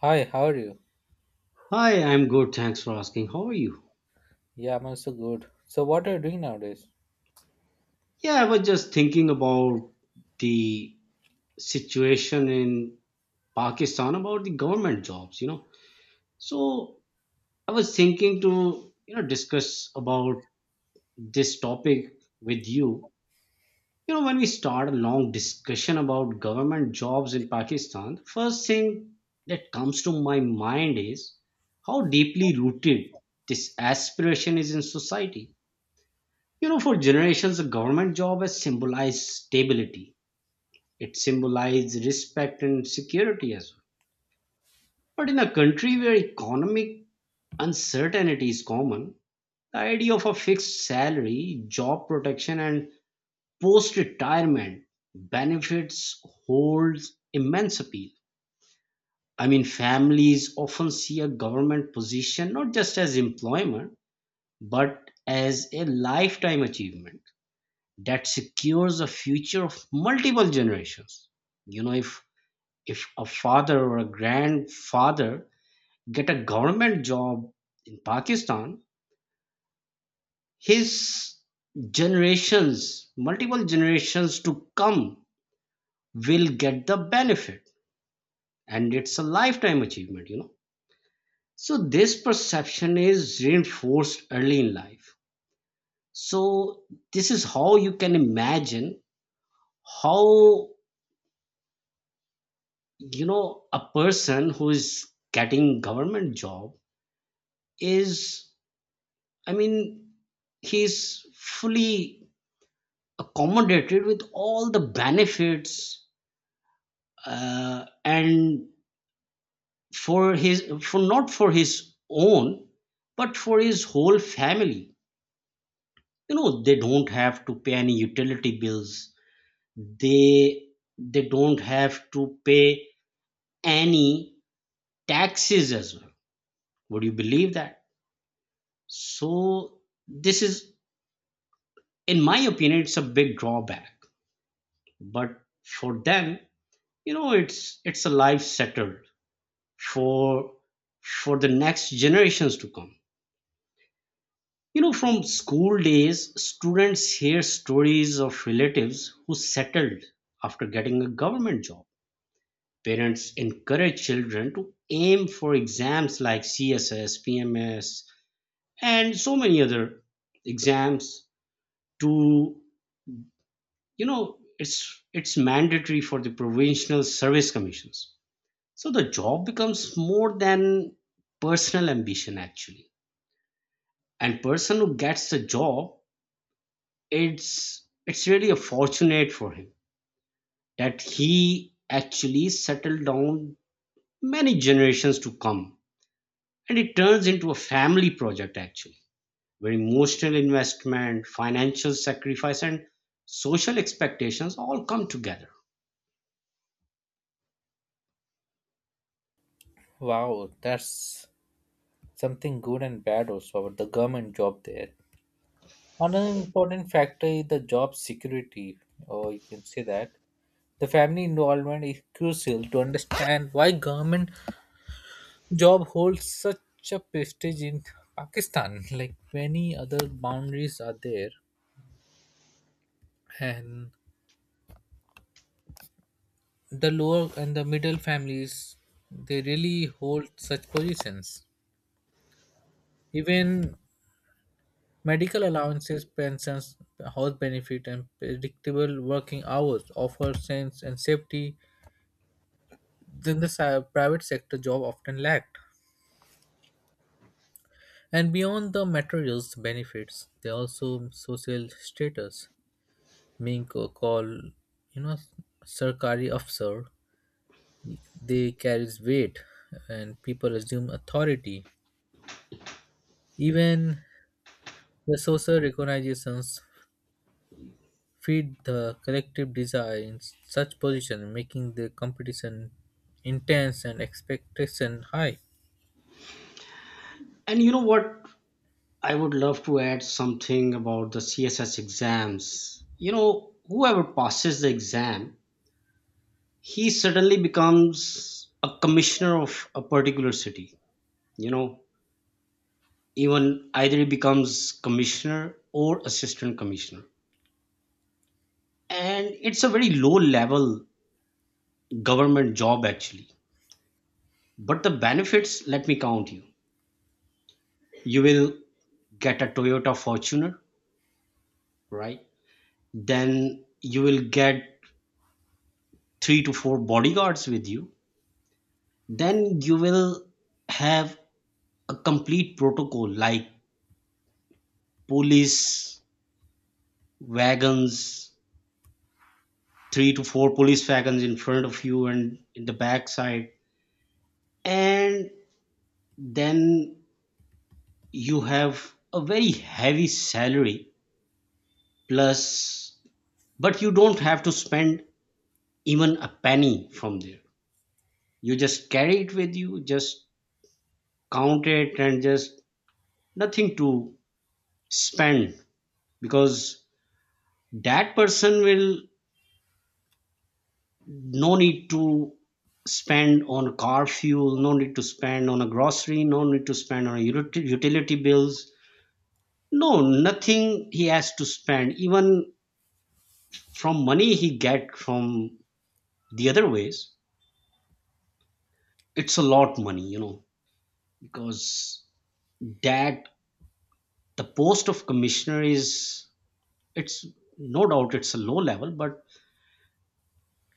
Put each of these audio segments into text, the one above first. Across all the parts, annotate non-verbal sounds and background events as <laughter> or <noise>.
Hi, how are you? Hi, I'm good. Thanks for asking. How are you? Yeah, I'm also good. So, what are you doing nowadays? Yeah, I was just thinking about the situation in Pakistan about the government jobs, you know. So I was thinking to, you know, discuss about this topic with you. You know, when we start a long discussion about government jobs in Pakistan, the first thing that comes to my mind is how deeply rooted this aspiration is in society. You know, for generations, a government job has symbolized stability. It symbolized respect and security as well. But in a country where economic uncertainty is common, the idea of a fixed salary, job protection, and post retirement benefits holds immense appeal. I mean, families often see a government position not just as employment, but as a lifetime achievement that secures the future of multiple generations. You know, if a father or a grandfather get a government job in Pakistan, his generations, multiple generations to come, will get the benefit, and it's a lifetime achievement, you know. So this perception is reinforced early in life. So this is how you can imagine how, you know, a person who is getting government job is, I mean, he's fully accommodated with all the benefits, and for his, for not for his own, but for his whole family. You know, they don't have to pay any utility bills, they they don't have to pay any taxes as well. Would you believe that? So this is, in my opinion, it's a big drawback. But for them, you know, it's a life settled for for the next generations to come. You know, from school days students hear stories of relatives who settled after getting a government job. Parents encourage children to aim for exams like CSS, PMS and so many other exams to, you know, it's mandatory for the provincial service commissions. So the job becomes more than personal ambition actually, and person who gets the job, it's really a fortunate for him that he actually settled down many generations to come, and it turns into a family project actually, where emotional investment, financial sacrifice, and social expectations all come together. Wow, that's something good and bad also about the government job there. Another important factor is the job security, or you can say that. The family involvement is crucial to understand why government job holds such a prestige in Pakistan. Like many other boundaries are there, and the lower and the middle families, they really hold such positions. Even medical allowances, pensions, health benefit, and predictable working hours offer sense and safety than the private sector job often lacked. And beyond the materials benefits, they also social status. Being called, you know, Sarkari officer, they carries weight, and people assume authority. Even the social recognitions feed the collective desire in such position, making the competition intense and expectation high. And you know what, I would love to add something about the CSS exams. You know, whoever passes the exam, he suddenly becomes a commissioner of a particular city. You know, even either he becomes commissioner or assistant commissioner. And it's a very low level government job actually. But the benefits, let me count you. You will get a Toyota Fortuner, right? Then you will get three to four bodyguards with you, then you will have a complete protocol like police wagons, three to four police wagons in front of you and in the back side. And then you have a very heavy salary plus, but you don't have to spend even a penny from there. You just carry it with you, just count it and just nothing to spend, because that person will, no need to spend on car fuel, no need to spend on a grocery, no need to spend on utility bills. No, nothing he has to spend. Even from money he get from the other ways, it's a lot money, you know, because that, the post of commissioner is, it's no doubt it's a low level, but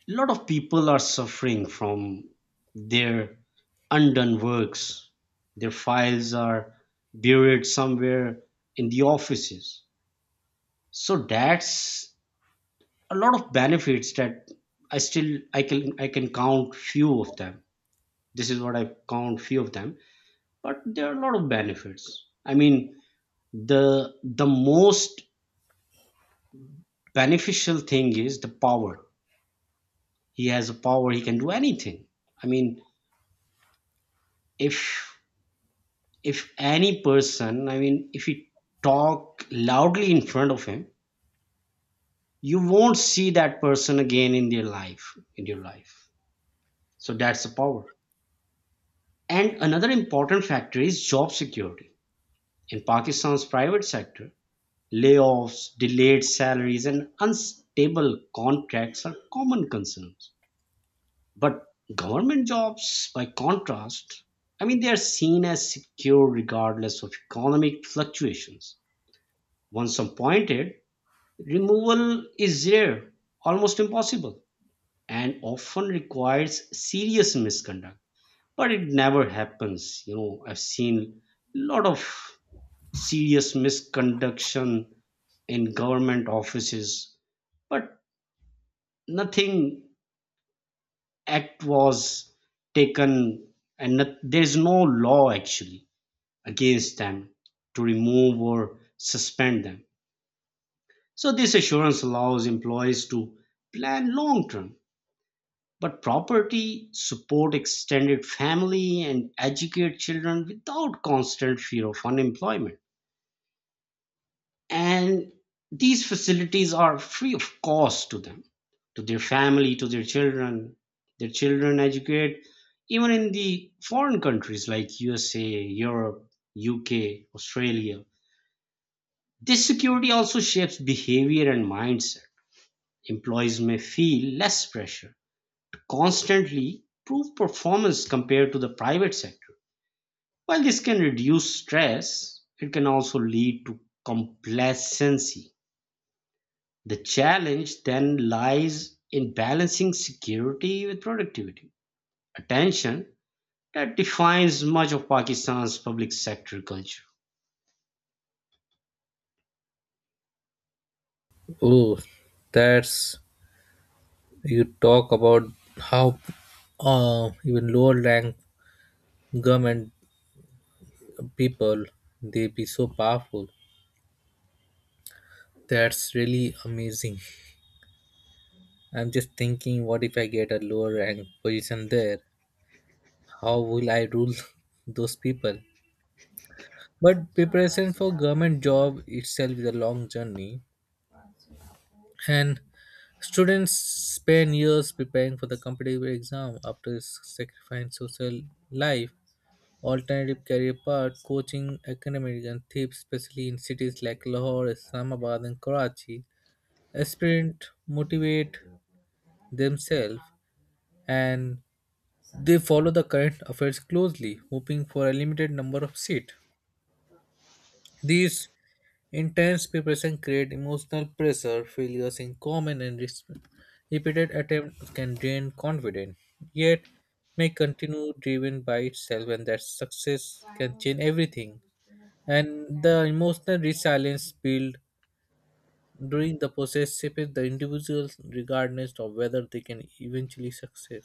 a lot of people are suffering from their undone works. Their files are buried somewhere in the offices. So that's a lot of benefits that I still I can count few of them. This is what I count few of them, but there are a lot of benefits. I mean, the most beneficial thing is the power. He has a power, he can do anything. I mean, if if any person, I mean, if you talk loudly in front of him, you won't see that person again in their life, in your life. So that's the power. And another important factor is job security. In Pakistan's private sector, layoffs, delayed salaries, and unstable contracts are common concerns. But government jobs, by contrast, I mean, they are seen as secure regardless of economic fluctuations. Once appointed, removal is rare, almost impossible, and often requires serious misconduct. But it never happens. You know, I've seen a lot of serious misconduction in government offices, but nothing act was taken, and not, there's no law actually against them to remove or suspend them. So this assurance allows employees to plan long term, but property, support extended family, and educate children without constant fear of unemployment. And these facilities are free of cost to them, to their family, to their children. Their children educate even in the foreign countries like USA, Europe, UK, Australia. This security also shapes behavior and mindset. Employees may feel less pressure constantly prove performance compared to the private sector. While this can reduce stress, it can also lead to complacency. The challenge then lies in balancing security with productivity, a tension that defines much of Pakistan's public sector culture. Oh, that's you talk about how even lower rank government people they be so powerful. That's really amazing. I'm just thinking, what if I get a lower rank position there? How will I rule <laughs> those people? But preparation for government job itself is a long journey, and students spend years preparing for the competitive exam after sacrificing social life, alternative career path, coaching, academic, and tips, especially in cities like Lahore, Islamabad, and Karachi. Aspirants motivate themselves and they follow the current affairs closely, hoping for a limited number of seats. These intense preparation creates emotional pressure, failures in common, and repeated attempts can drain confidence, yet may continue driven by itself, and that success can change everything. And the emotional resilience built during the process shapes the individuals regardless of whether they can eventually succeed.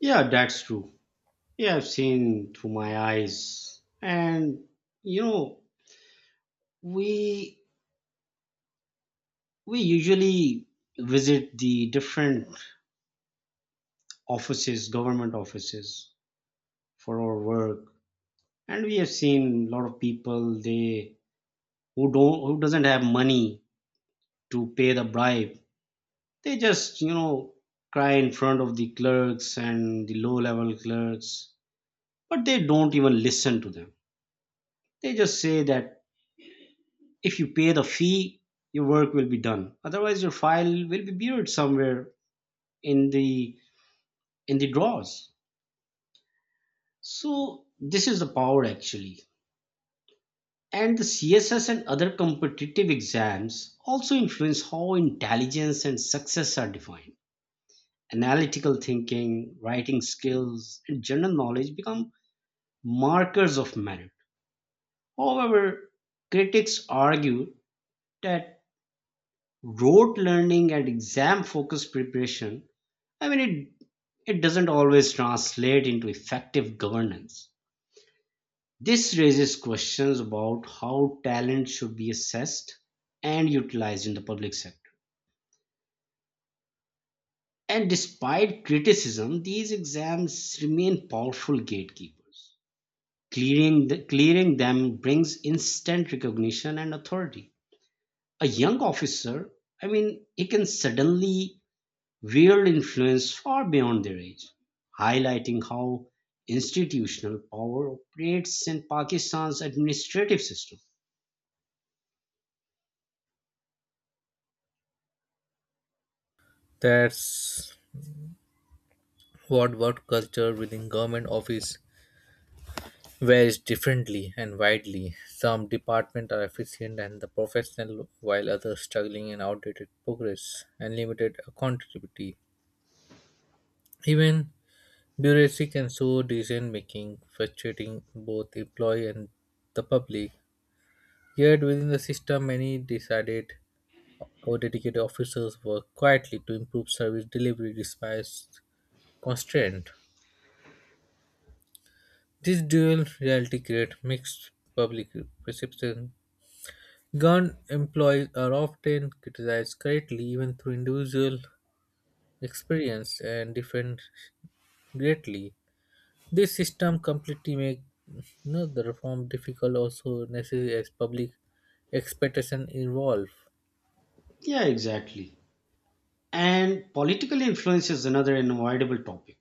Yeah, that's true. Yeah, I've seen through my eyes. And you know, we we usually visit the different offices, government offices for our work. And we have seen a lot of people they, who don't, who doesn't have money to pay the bribe, they just, you know, cry in front of the clerks and the low level clerks, but they don't even listen to them. They just say that if you pay the fee, your work will be done. Otherwise your file will be buried somewhere in the drawers. So this is the power actually. And the CSS and other competitive exams also influence how intelligence and success are defined. Analytical thinking, writing skills, and general knowledge become markers of merit. However, critics argue that rote learning and exam focused preparation, I mean, it doesn't always translate into effective governance. This raises questions about how talent should be assessed and utilized in the public sector. And despite criticism, these exams remain powerful gatekeepers. Clearing them brings instant recognition and authority. A young officer, I mean, he can suddenly wield influence far beyond their age, highlighting how institutional power operates in Pakistan's administrative system. That's what work culture within government office varies differently and widely. Some departments are efficient and the professional, while others struggling in outdated progress and limited accountability. Even bureaucracy can slow decision making, frustrating both employee and the public. Yet within the system, many decided or dedicated officers work quietly to improve service delivery despite constraint. This dual reality creates mixed public perception. Gun employees are often criticized greatly, even through individual experience and different greatly. This system completely make, you know, the reform difficult, also necessary as public expectation involve. Yeah, exactly. And political influence is another unavoidable topic.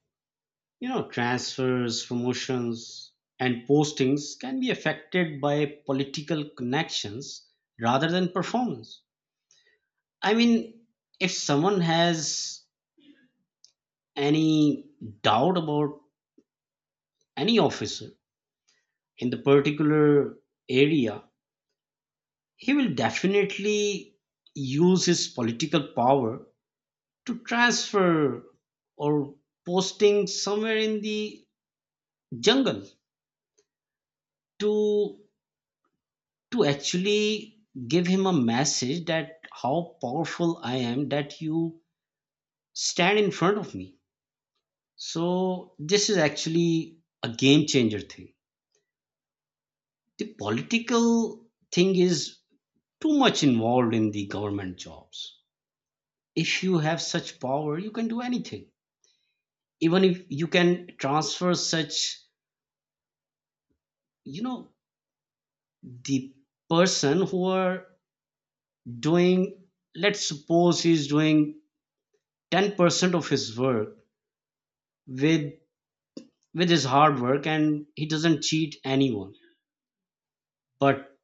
You know, transfers, promotions, and postings can be affected by political connections rather than performance. I mean, if someone has any doubt about any officer in the particular area, he will definitely use his political power to transfer or posting somewhere in the jungle, to to actually give him a message that how powerful I am that you stand in front of me. So this is actually a game changer thing. The political thing is too much involved in the government jobs. If you have such power, you can do anything. Even if you can transfer such, you know, the person who are doing, let's suppose he's doing 10% of his work with with his hard work and he doesn't cheat anyone, but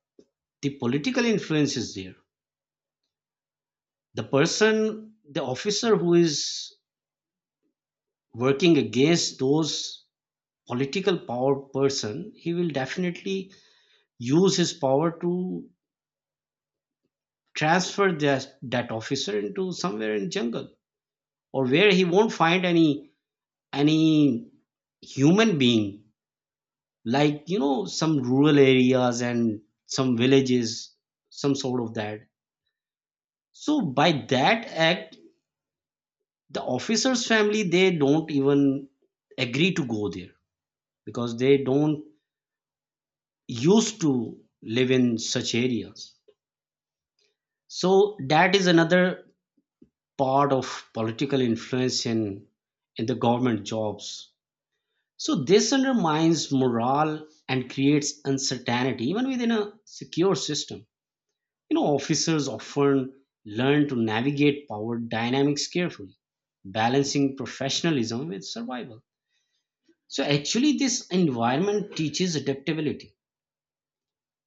the political influence is there. The person, the officer who is working against those political power person, he will definitely use his power to transfer that officer into somewhere in jungle, or where he won't find any human being, like, you know, some rural areas and some villages, some sort of that. So by that act, the officer's family they don't even agree to go there because they don't used to live in such areas. So that is another part of political influence in the government jobs. So this undermines morale and creates uncertainty even within a secure system. You know, officers often learn to navigate power dynamics carefully, balancing professionalism with survival. So actually, this environment teaches adaptability,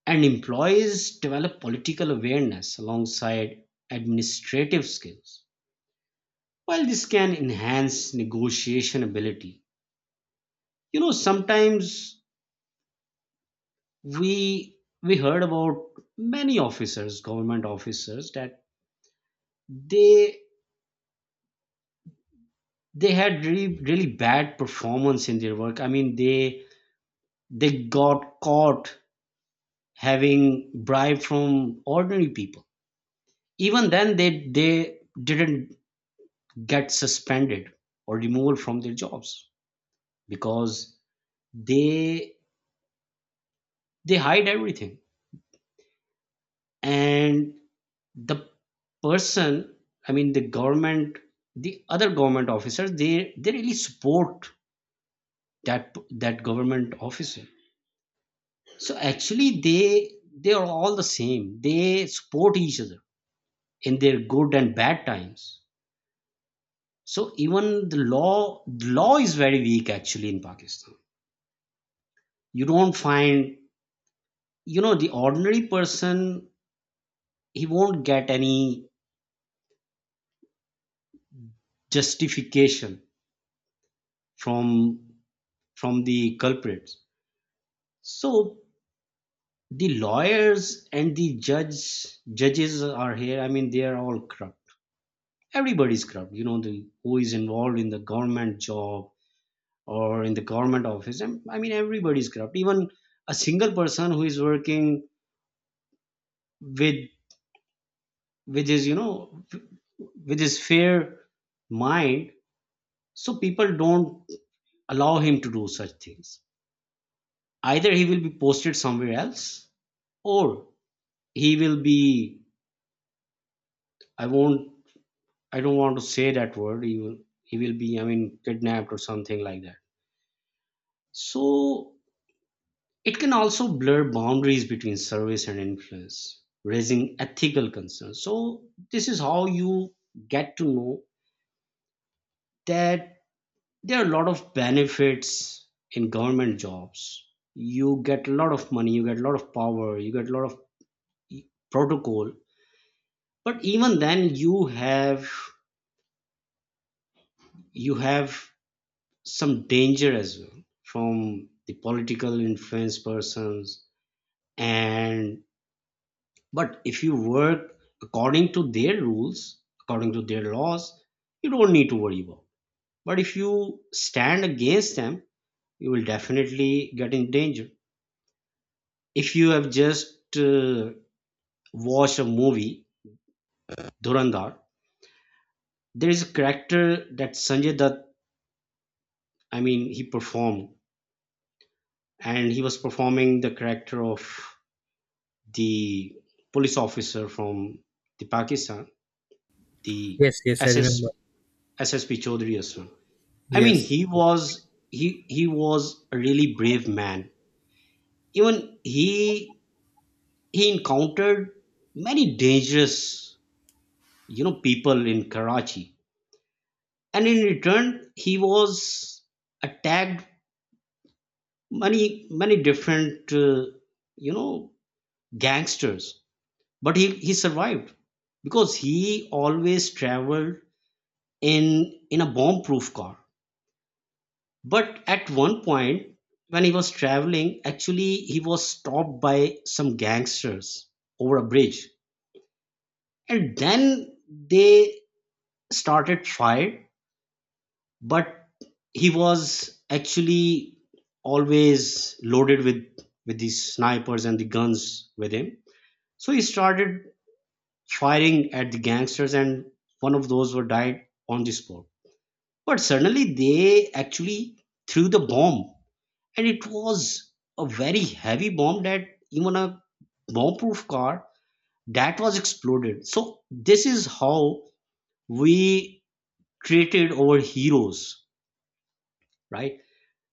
and employees develop political awareness alongside administrative skills. While this can enhance negotiation ability, you know, sometimes we heard about many officers, government officers, that they they had really really bad performance in their work. I mean, they got caught having bribe from ordinary people. Even then, they didn't get suspended or removal from their jobs because they they hide everything. And the person, I mean, the government, the other government officers, they really support that government officer. So actually, they are all the same. They support each other in their good and bad times. So even the law is very weak actually in Pakistan. You don't find, you know, the ordinary person, he won't get any justification from from the culprits. So the lawyers and the judges are here, I mean, they are all corrupt. Everybody's corrupt, you know, the, who is involved in the government job or in the government office, and I mean everybody's corrupt. Even a single person who is working with with his, you know, with his fair mind, so people don't allow him to do such things. Either he will be posted somewhere else, or he will be, I won't, I don't want to say that word. He will be, I mean, kidnapped or something like that. So it can also blur boundaries between service and influence, raising ethical concerns. So this is how you get to know that there are a lot of benefits in government jobs. You get a lot of money, you get a lot of power, you get a lot of e- protocol, but even then you have some danger as well from the political influence persons. And but if you work according to their rules, according to their laws, you don't need to worry about. But if you stand against them, you will definitely get in danger. If you have just watched a movie, Durandar, there is a character that Sanjay Dutt, I mean, he performed, and he was performing the character of the police officer from the Pakistan, the Yes, yes, I SS remember. SSP Chaudhry as well. I mean, Yes, he was he was a really brave man. Even he encountered many dangerous, you know, people in Karachi, and in return he was attacked many different you know, gangsters, but he survived because he always traveled in in a bomb proof car. But at one point, when he was traveling, actually he was stopped by some gangsters over a bridge, and then they started fire. But he was actually always loaded with these snipers and the guns with him, so he started firing at the gangsters, and one of those were died on the spot. But suddenly they actually threw the bomb, and it was a very heavy bomb that even a bomb-proof car, that was exploded. So this is how we created our heroes, right?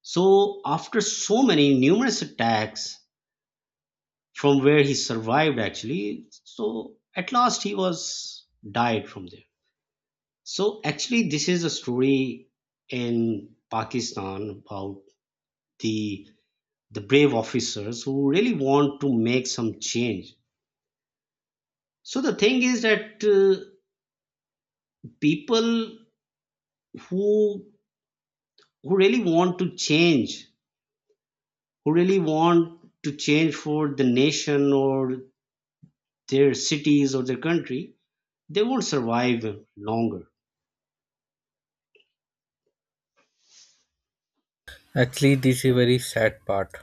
So after so many numerous attacks from where he survived actually, so at last he was died from there. So actually this is a story in Pakistan about the the brave officers who really want to make some change. So the thing is that people who who really want to change, who really want to change for the nation or their cities or their country, they would survive longer. actually, this is a very sad part.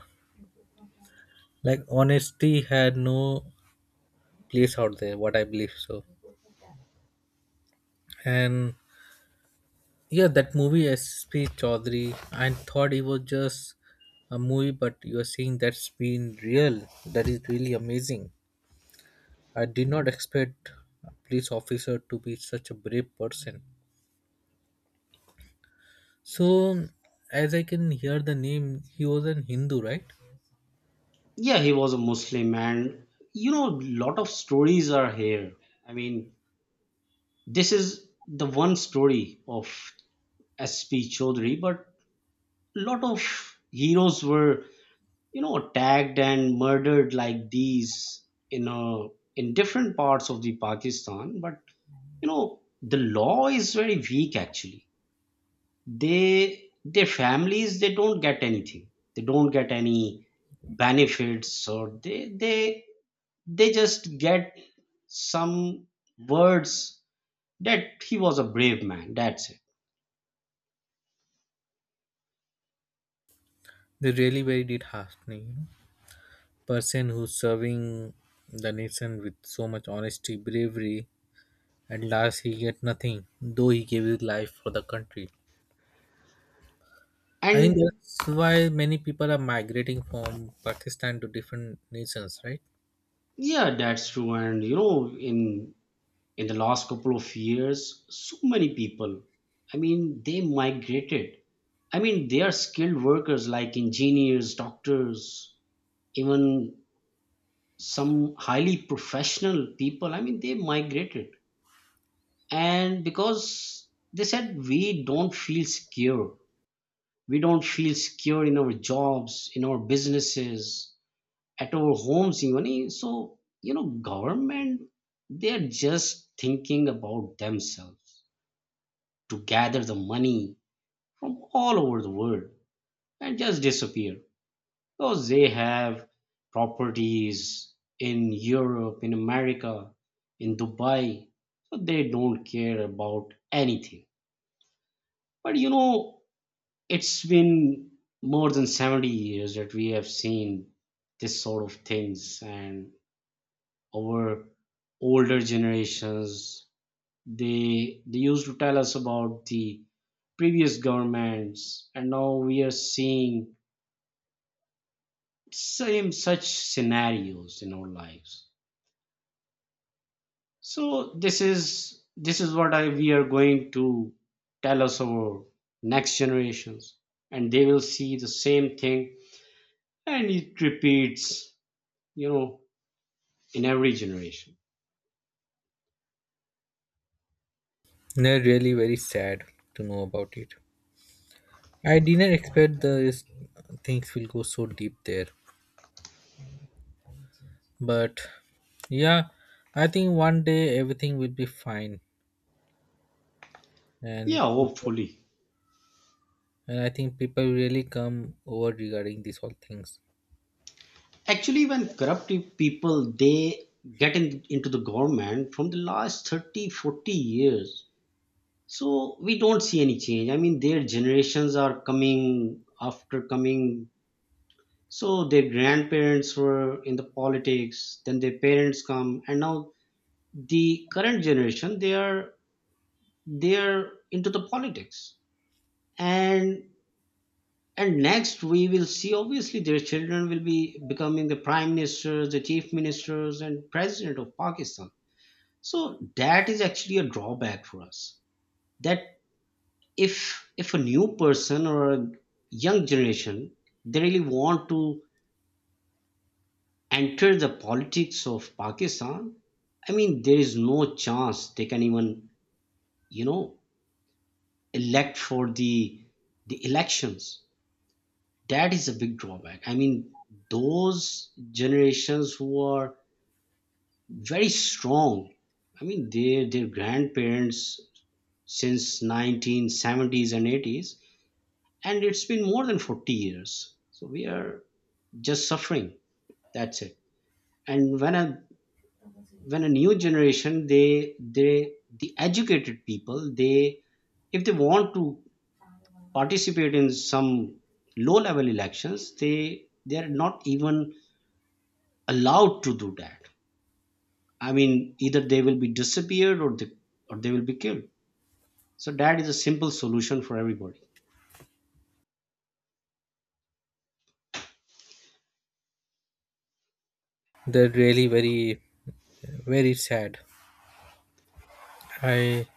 Like honesty had no place out there, what I believe so, and yeah, that movie S.P. Chaudhary, I thought it was just a movie, but you are saying that's been real. That is really amazing. I did not expect a police officer to be such a brave person. So, as I can hear the name, he was an Hindu, right? Yeah, he was a Muslim, and you know, a lot of stories are here. I mean, this is the one story of S.P. Chaudhary, but a lot of heroes were, you know, attacked and murdered like these in different parts of the Pakistan. But you know, the law is very weak actually. They their families, they don't get anything, they don't get any benefits, or they just get some words that he was a brave man, that's it. They really very did heartening, you know? Person who's serving the nation with so much honesty, bravery, and last he get nothing, though he gave his life for the country. I think And that's why many people are migrating from Pakistan to different nations, right? yeah, that's true. And you know, in the last couple of years, so many people, I mean, they migrated. I mean, they are skilled workers like engineers, doctors, even some highly professional people, I mean, they migrated, and because they said we don't feel secure, we don't feel secure in our jobs, in our businesses, at our homes even. So you know, government, they're just thinking about themselves, to gather the money from all over the world and just disappear. Because they have properties in Europe, in America, in Dubai. So they don't care about anything. But you know, it's been more than 70 years that we have seen this sort of things, and our older generations, they used to tell us about the previous governments, and now we are seeing same such scenarios in our lives. So this is what I we are going to tell us our next generations, and they will see the same thing, and it repeats, you know, in every generation. They're really very sad to know about it. I didn't expect the things will go so deep there, but yeah, I think one day everything will be fine, and Yeah, people, hopefully. and I think people really come over regarding these all things. Actually, when corruptive people, they get in, into the government from the last 30, 40 years, so we don't see any change. I mean, their generations are coming after coming. So their grandparents were in the politics, then their parents come, and now the current generation, they are into the politics. And and next we will see obviously their children will be becoming the prime ministers, the chief ministers, and president of Pakistan. So that is actually a drawback for us. That if a new person or a young generation, they really want to enter the politics of Pakistan, I mean, there is no chance they can even, you know, elect for the elections. That is a big drawback. I mean, those generations who are very strong, I mean, their grandparents since 1970s and 80s, and it's been more than 40 years. So we are just suffering. That's it. And when I when a new generation, they the educated people, they, if they want to participate in some low level elections, they are not even allowed to do that. I mean, either they will be disappeared, or they, or they will be killed. So that is a simple solution for everybody. They're really very, very sad. I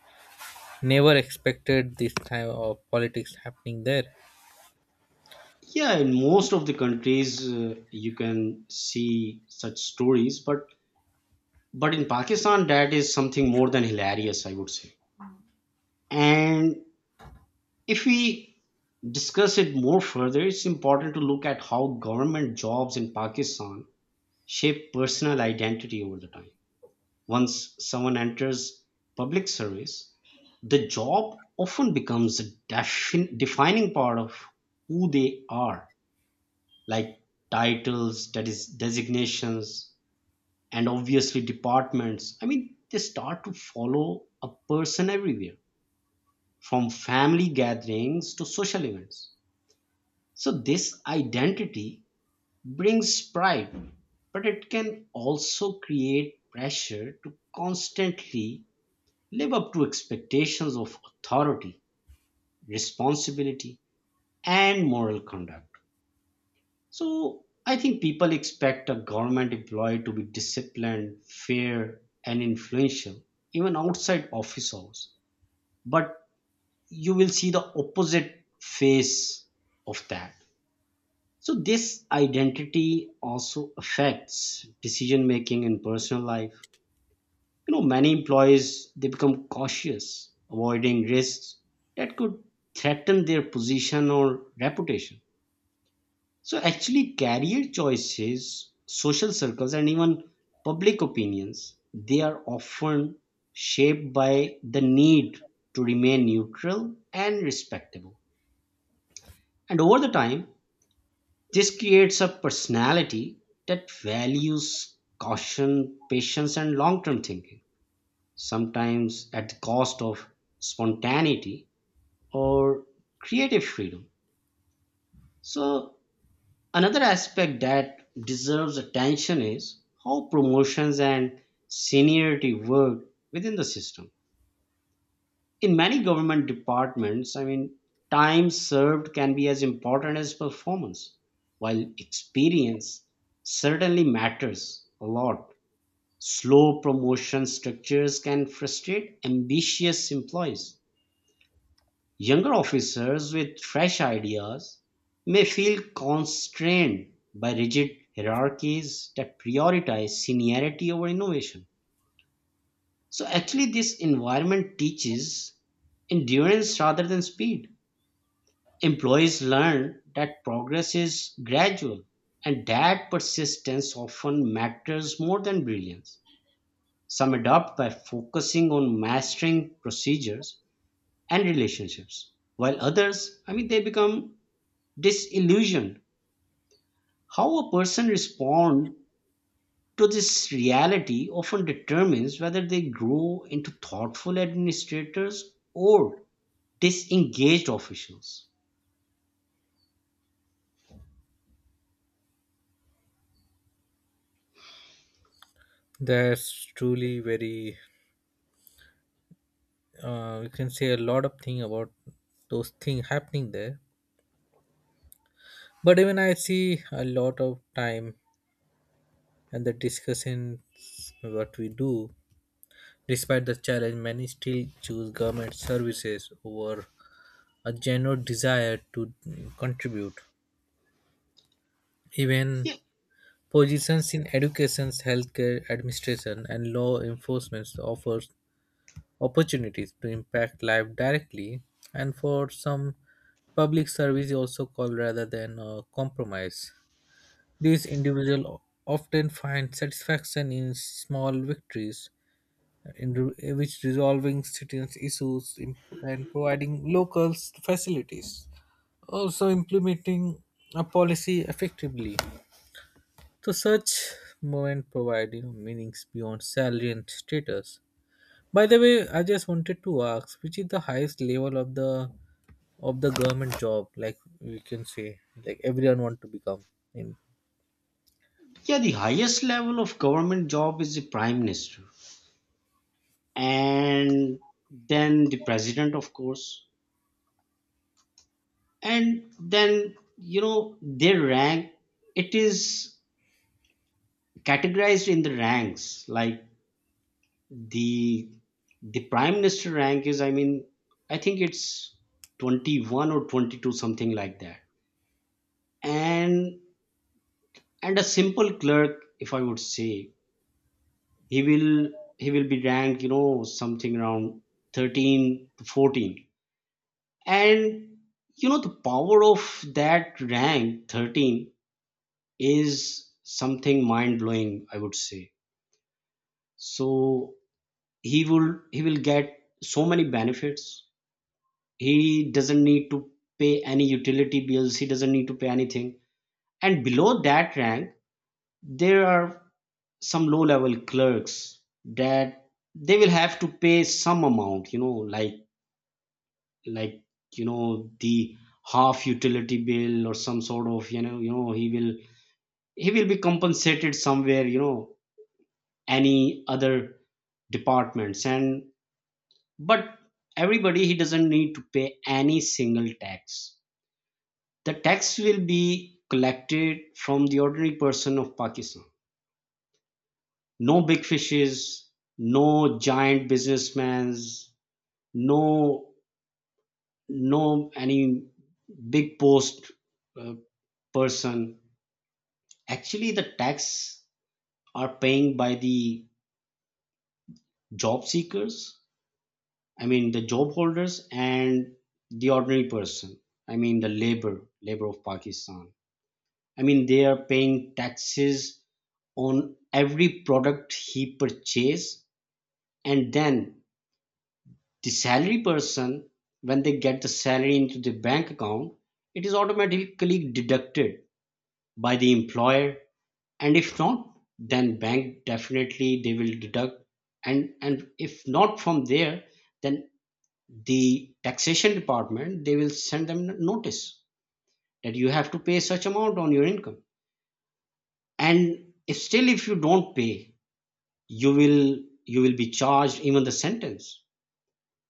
never expected this type of politics happening there. Yeah, in most of the countries, you can see such stories, but in Pakistan that is something more than hilarious, I would say. And if we discuss it more further, it's important to look at how government jobs in Pakistan shape personal identity over the time. Once someone enters public service, the job often becomes a defining part of who they are, like titles, that is designations, and obviously departments. I mean, they start to follow a person everywhere, from family gatherings to social events. So, this identity brings pride, but it can also create pressure to constantly live up to expectations of authority, responsibility, and moral conduct. So, I think people expect a government employee to be disciplined, fair, and influential, even outside office hours. But you will see the opposite face of that. So this identity also affects decision making in personal life. You know, many employees, they become cautious, avoiding risks that could threaten their position or reputation. So actually career choices, social circles and even public opinions, they are often shaped by the need to remain neutral and respectable. And over the time, this creates a personality that values caution, patience, and long term thinking, sometimes at the cost of spontaneity or creative freedom. So, another aspect that deserves attention is how promotions and seniority work within the system. In many government departments, I mean, time served can be as important as performance, while experience certainly matters a lot. Slow promotion structures can frustrate ambitious employees. Younger officers with fresh ideas may feel constrained by rigid hierarchies that prioritize seniority over innovation. So, actually, this environment teaches endurance rather than speed. Employees learn that progress is gradual and that persistence often matters more than brilliance. Some adapt by focusing on mastering procedures and relationships, while others, I mean, they become disillusioned. How a person responds to this reality often determines whether they grow into thoughtful administrators or disengaged officials. That's truly very. You can say a lot of thing about those things happening there. But even I see a lot of time and the discussions what we do. Despite the challenge, many still choose government services over a genuine desire to contribute. Even positions in education, healthcare, administration, and law enforcement offers opportunities to impact life directly, and for some public service is also called rather than a compromise. These individuals often find satisfaction in small victories, in which resolving citizens issues and providing locals facilities, also implementing a policy effectively. So such movement provide, you know, meanings beyond salary and status. By the way, I just wanted to ask, which is the highest level of the government job? Like we can say, like everyone want to become in. Yeah, the highest level of government job is the prime minister, and then the president, of course, and then you know their rank. It is categorized in the ranks, like the the prime minister rank is. I mean, I think it's 21 or 22, something like that. And and a simple clerk, if I would say, he will he will be ranked, you know, something around 13 to 14. And you know, the power of that rank 13 is something mind blowing, I would say. So he will get so many benefits. He doesn't need to pay any utility bills, he doesn't need to pay anything. And below that rank, there are some low level clerks that they will have to pay some amount, you know, like you know, the half utility bill or some sort of, you know, you know he will be compensated somewhere, you know, any other departments. And but everybody, he doesn't need to pay any single tax. The tax will be collected from the ordinary person of Pakistan. No big fishes, no giant businessmen, no, no any big post uh, person. Actually, the tax are paying by the job seekers, I mean the job holders and the ordinary person. I mean the labor, labor of Pakistan. I mean they are paying taxes on every product he purchase, and then the salary person, when they get the salary into the bank account, it is automatically deducted by the employer. And if not, then bank definitely they will deduct. And if not from there, then the taxation department, they will send them notice that you have to pay such amount on your income. And if still if you don't pay, you will you will be charged even the sentence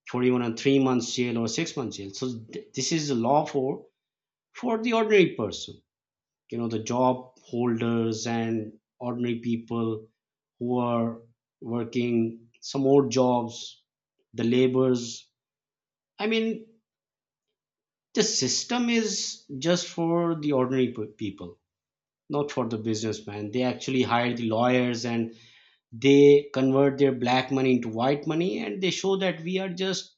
for even a 3 months jail or 6 months jail. So this is the law for the ordinary person, you know, the job holders and ordinary people who are working some odd jobs, the laborers, I mean, the system is just for the ordinary people, not for the businessman. They actually hire the lawyers, and they convert their black money into white money, and they show that we are just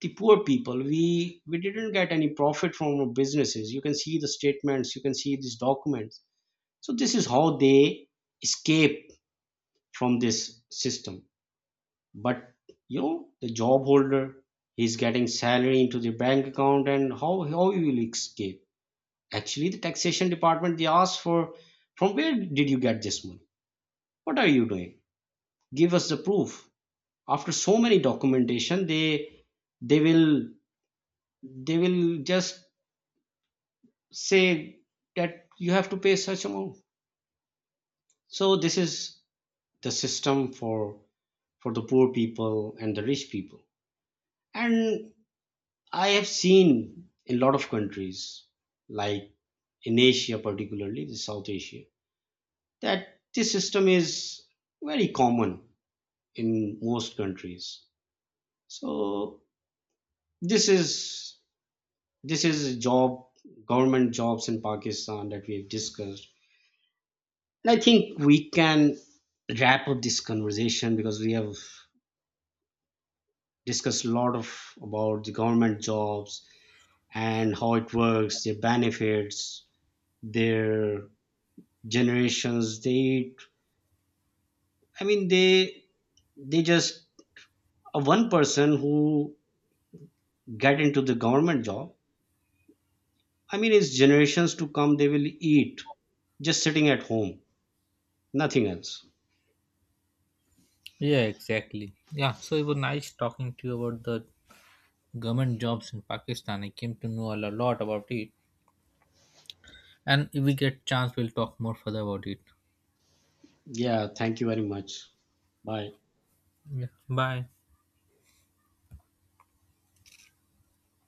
the poor people, we didn't get any profit from our businesses, you can see the statements, you can see these documents. So this is how they escape from this system. But you know, the job holder is getting salary into the bank account, and how you will escape. Actually the taxation department, they ask for, from where did you get this money, what are you doing, give us the proof. After so many documentation, they will they will just say that you have to pay such amount. So this is the system for the poor people and the rich people. And I have seen in a lot of countries, like in Asia, particularly the South Asia, that this system is very common in most countries. So this is this is a job, government jobs in Pakistan, that we have discussed. And I think we can wrap up this conversation because we have discussed a lot of about the government jobs and how it works, their benefits, their generations. They, I mean, they just one person who get into the government job. I mean, it's generations to come. They will eat just sitting at home, nothing else. Yeah, exactly. Yeah, so it was nice talking to you about the government jobs in Pakistan. I came to know a lot about it, and if we get chance, we'll talk more further about it. Yeah, thank you very much. Bye. Yeah. Bye.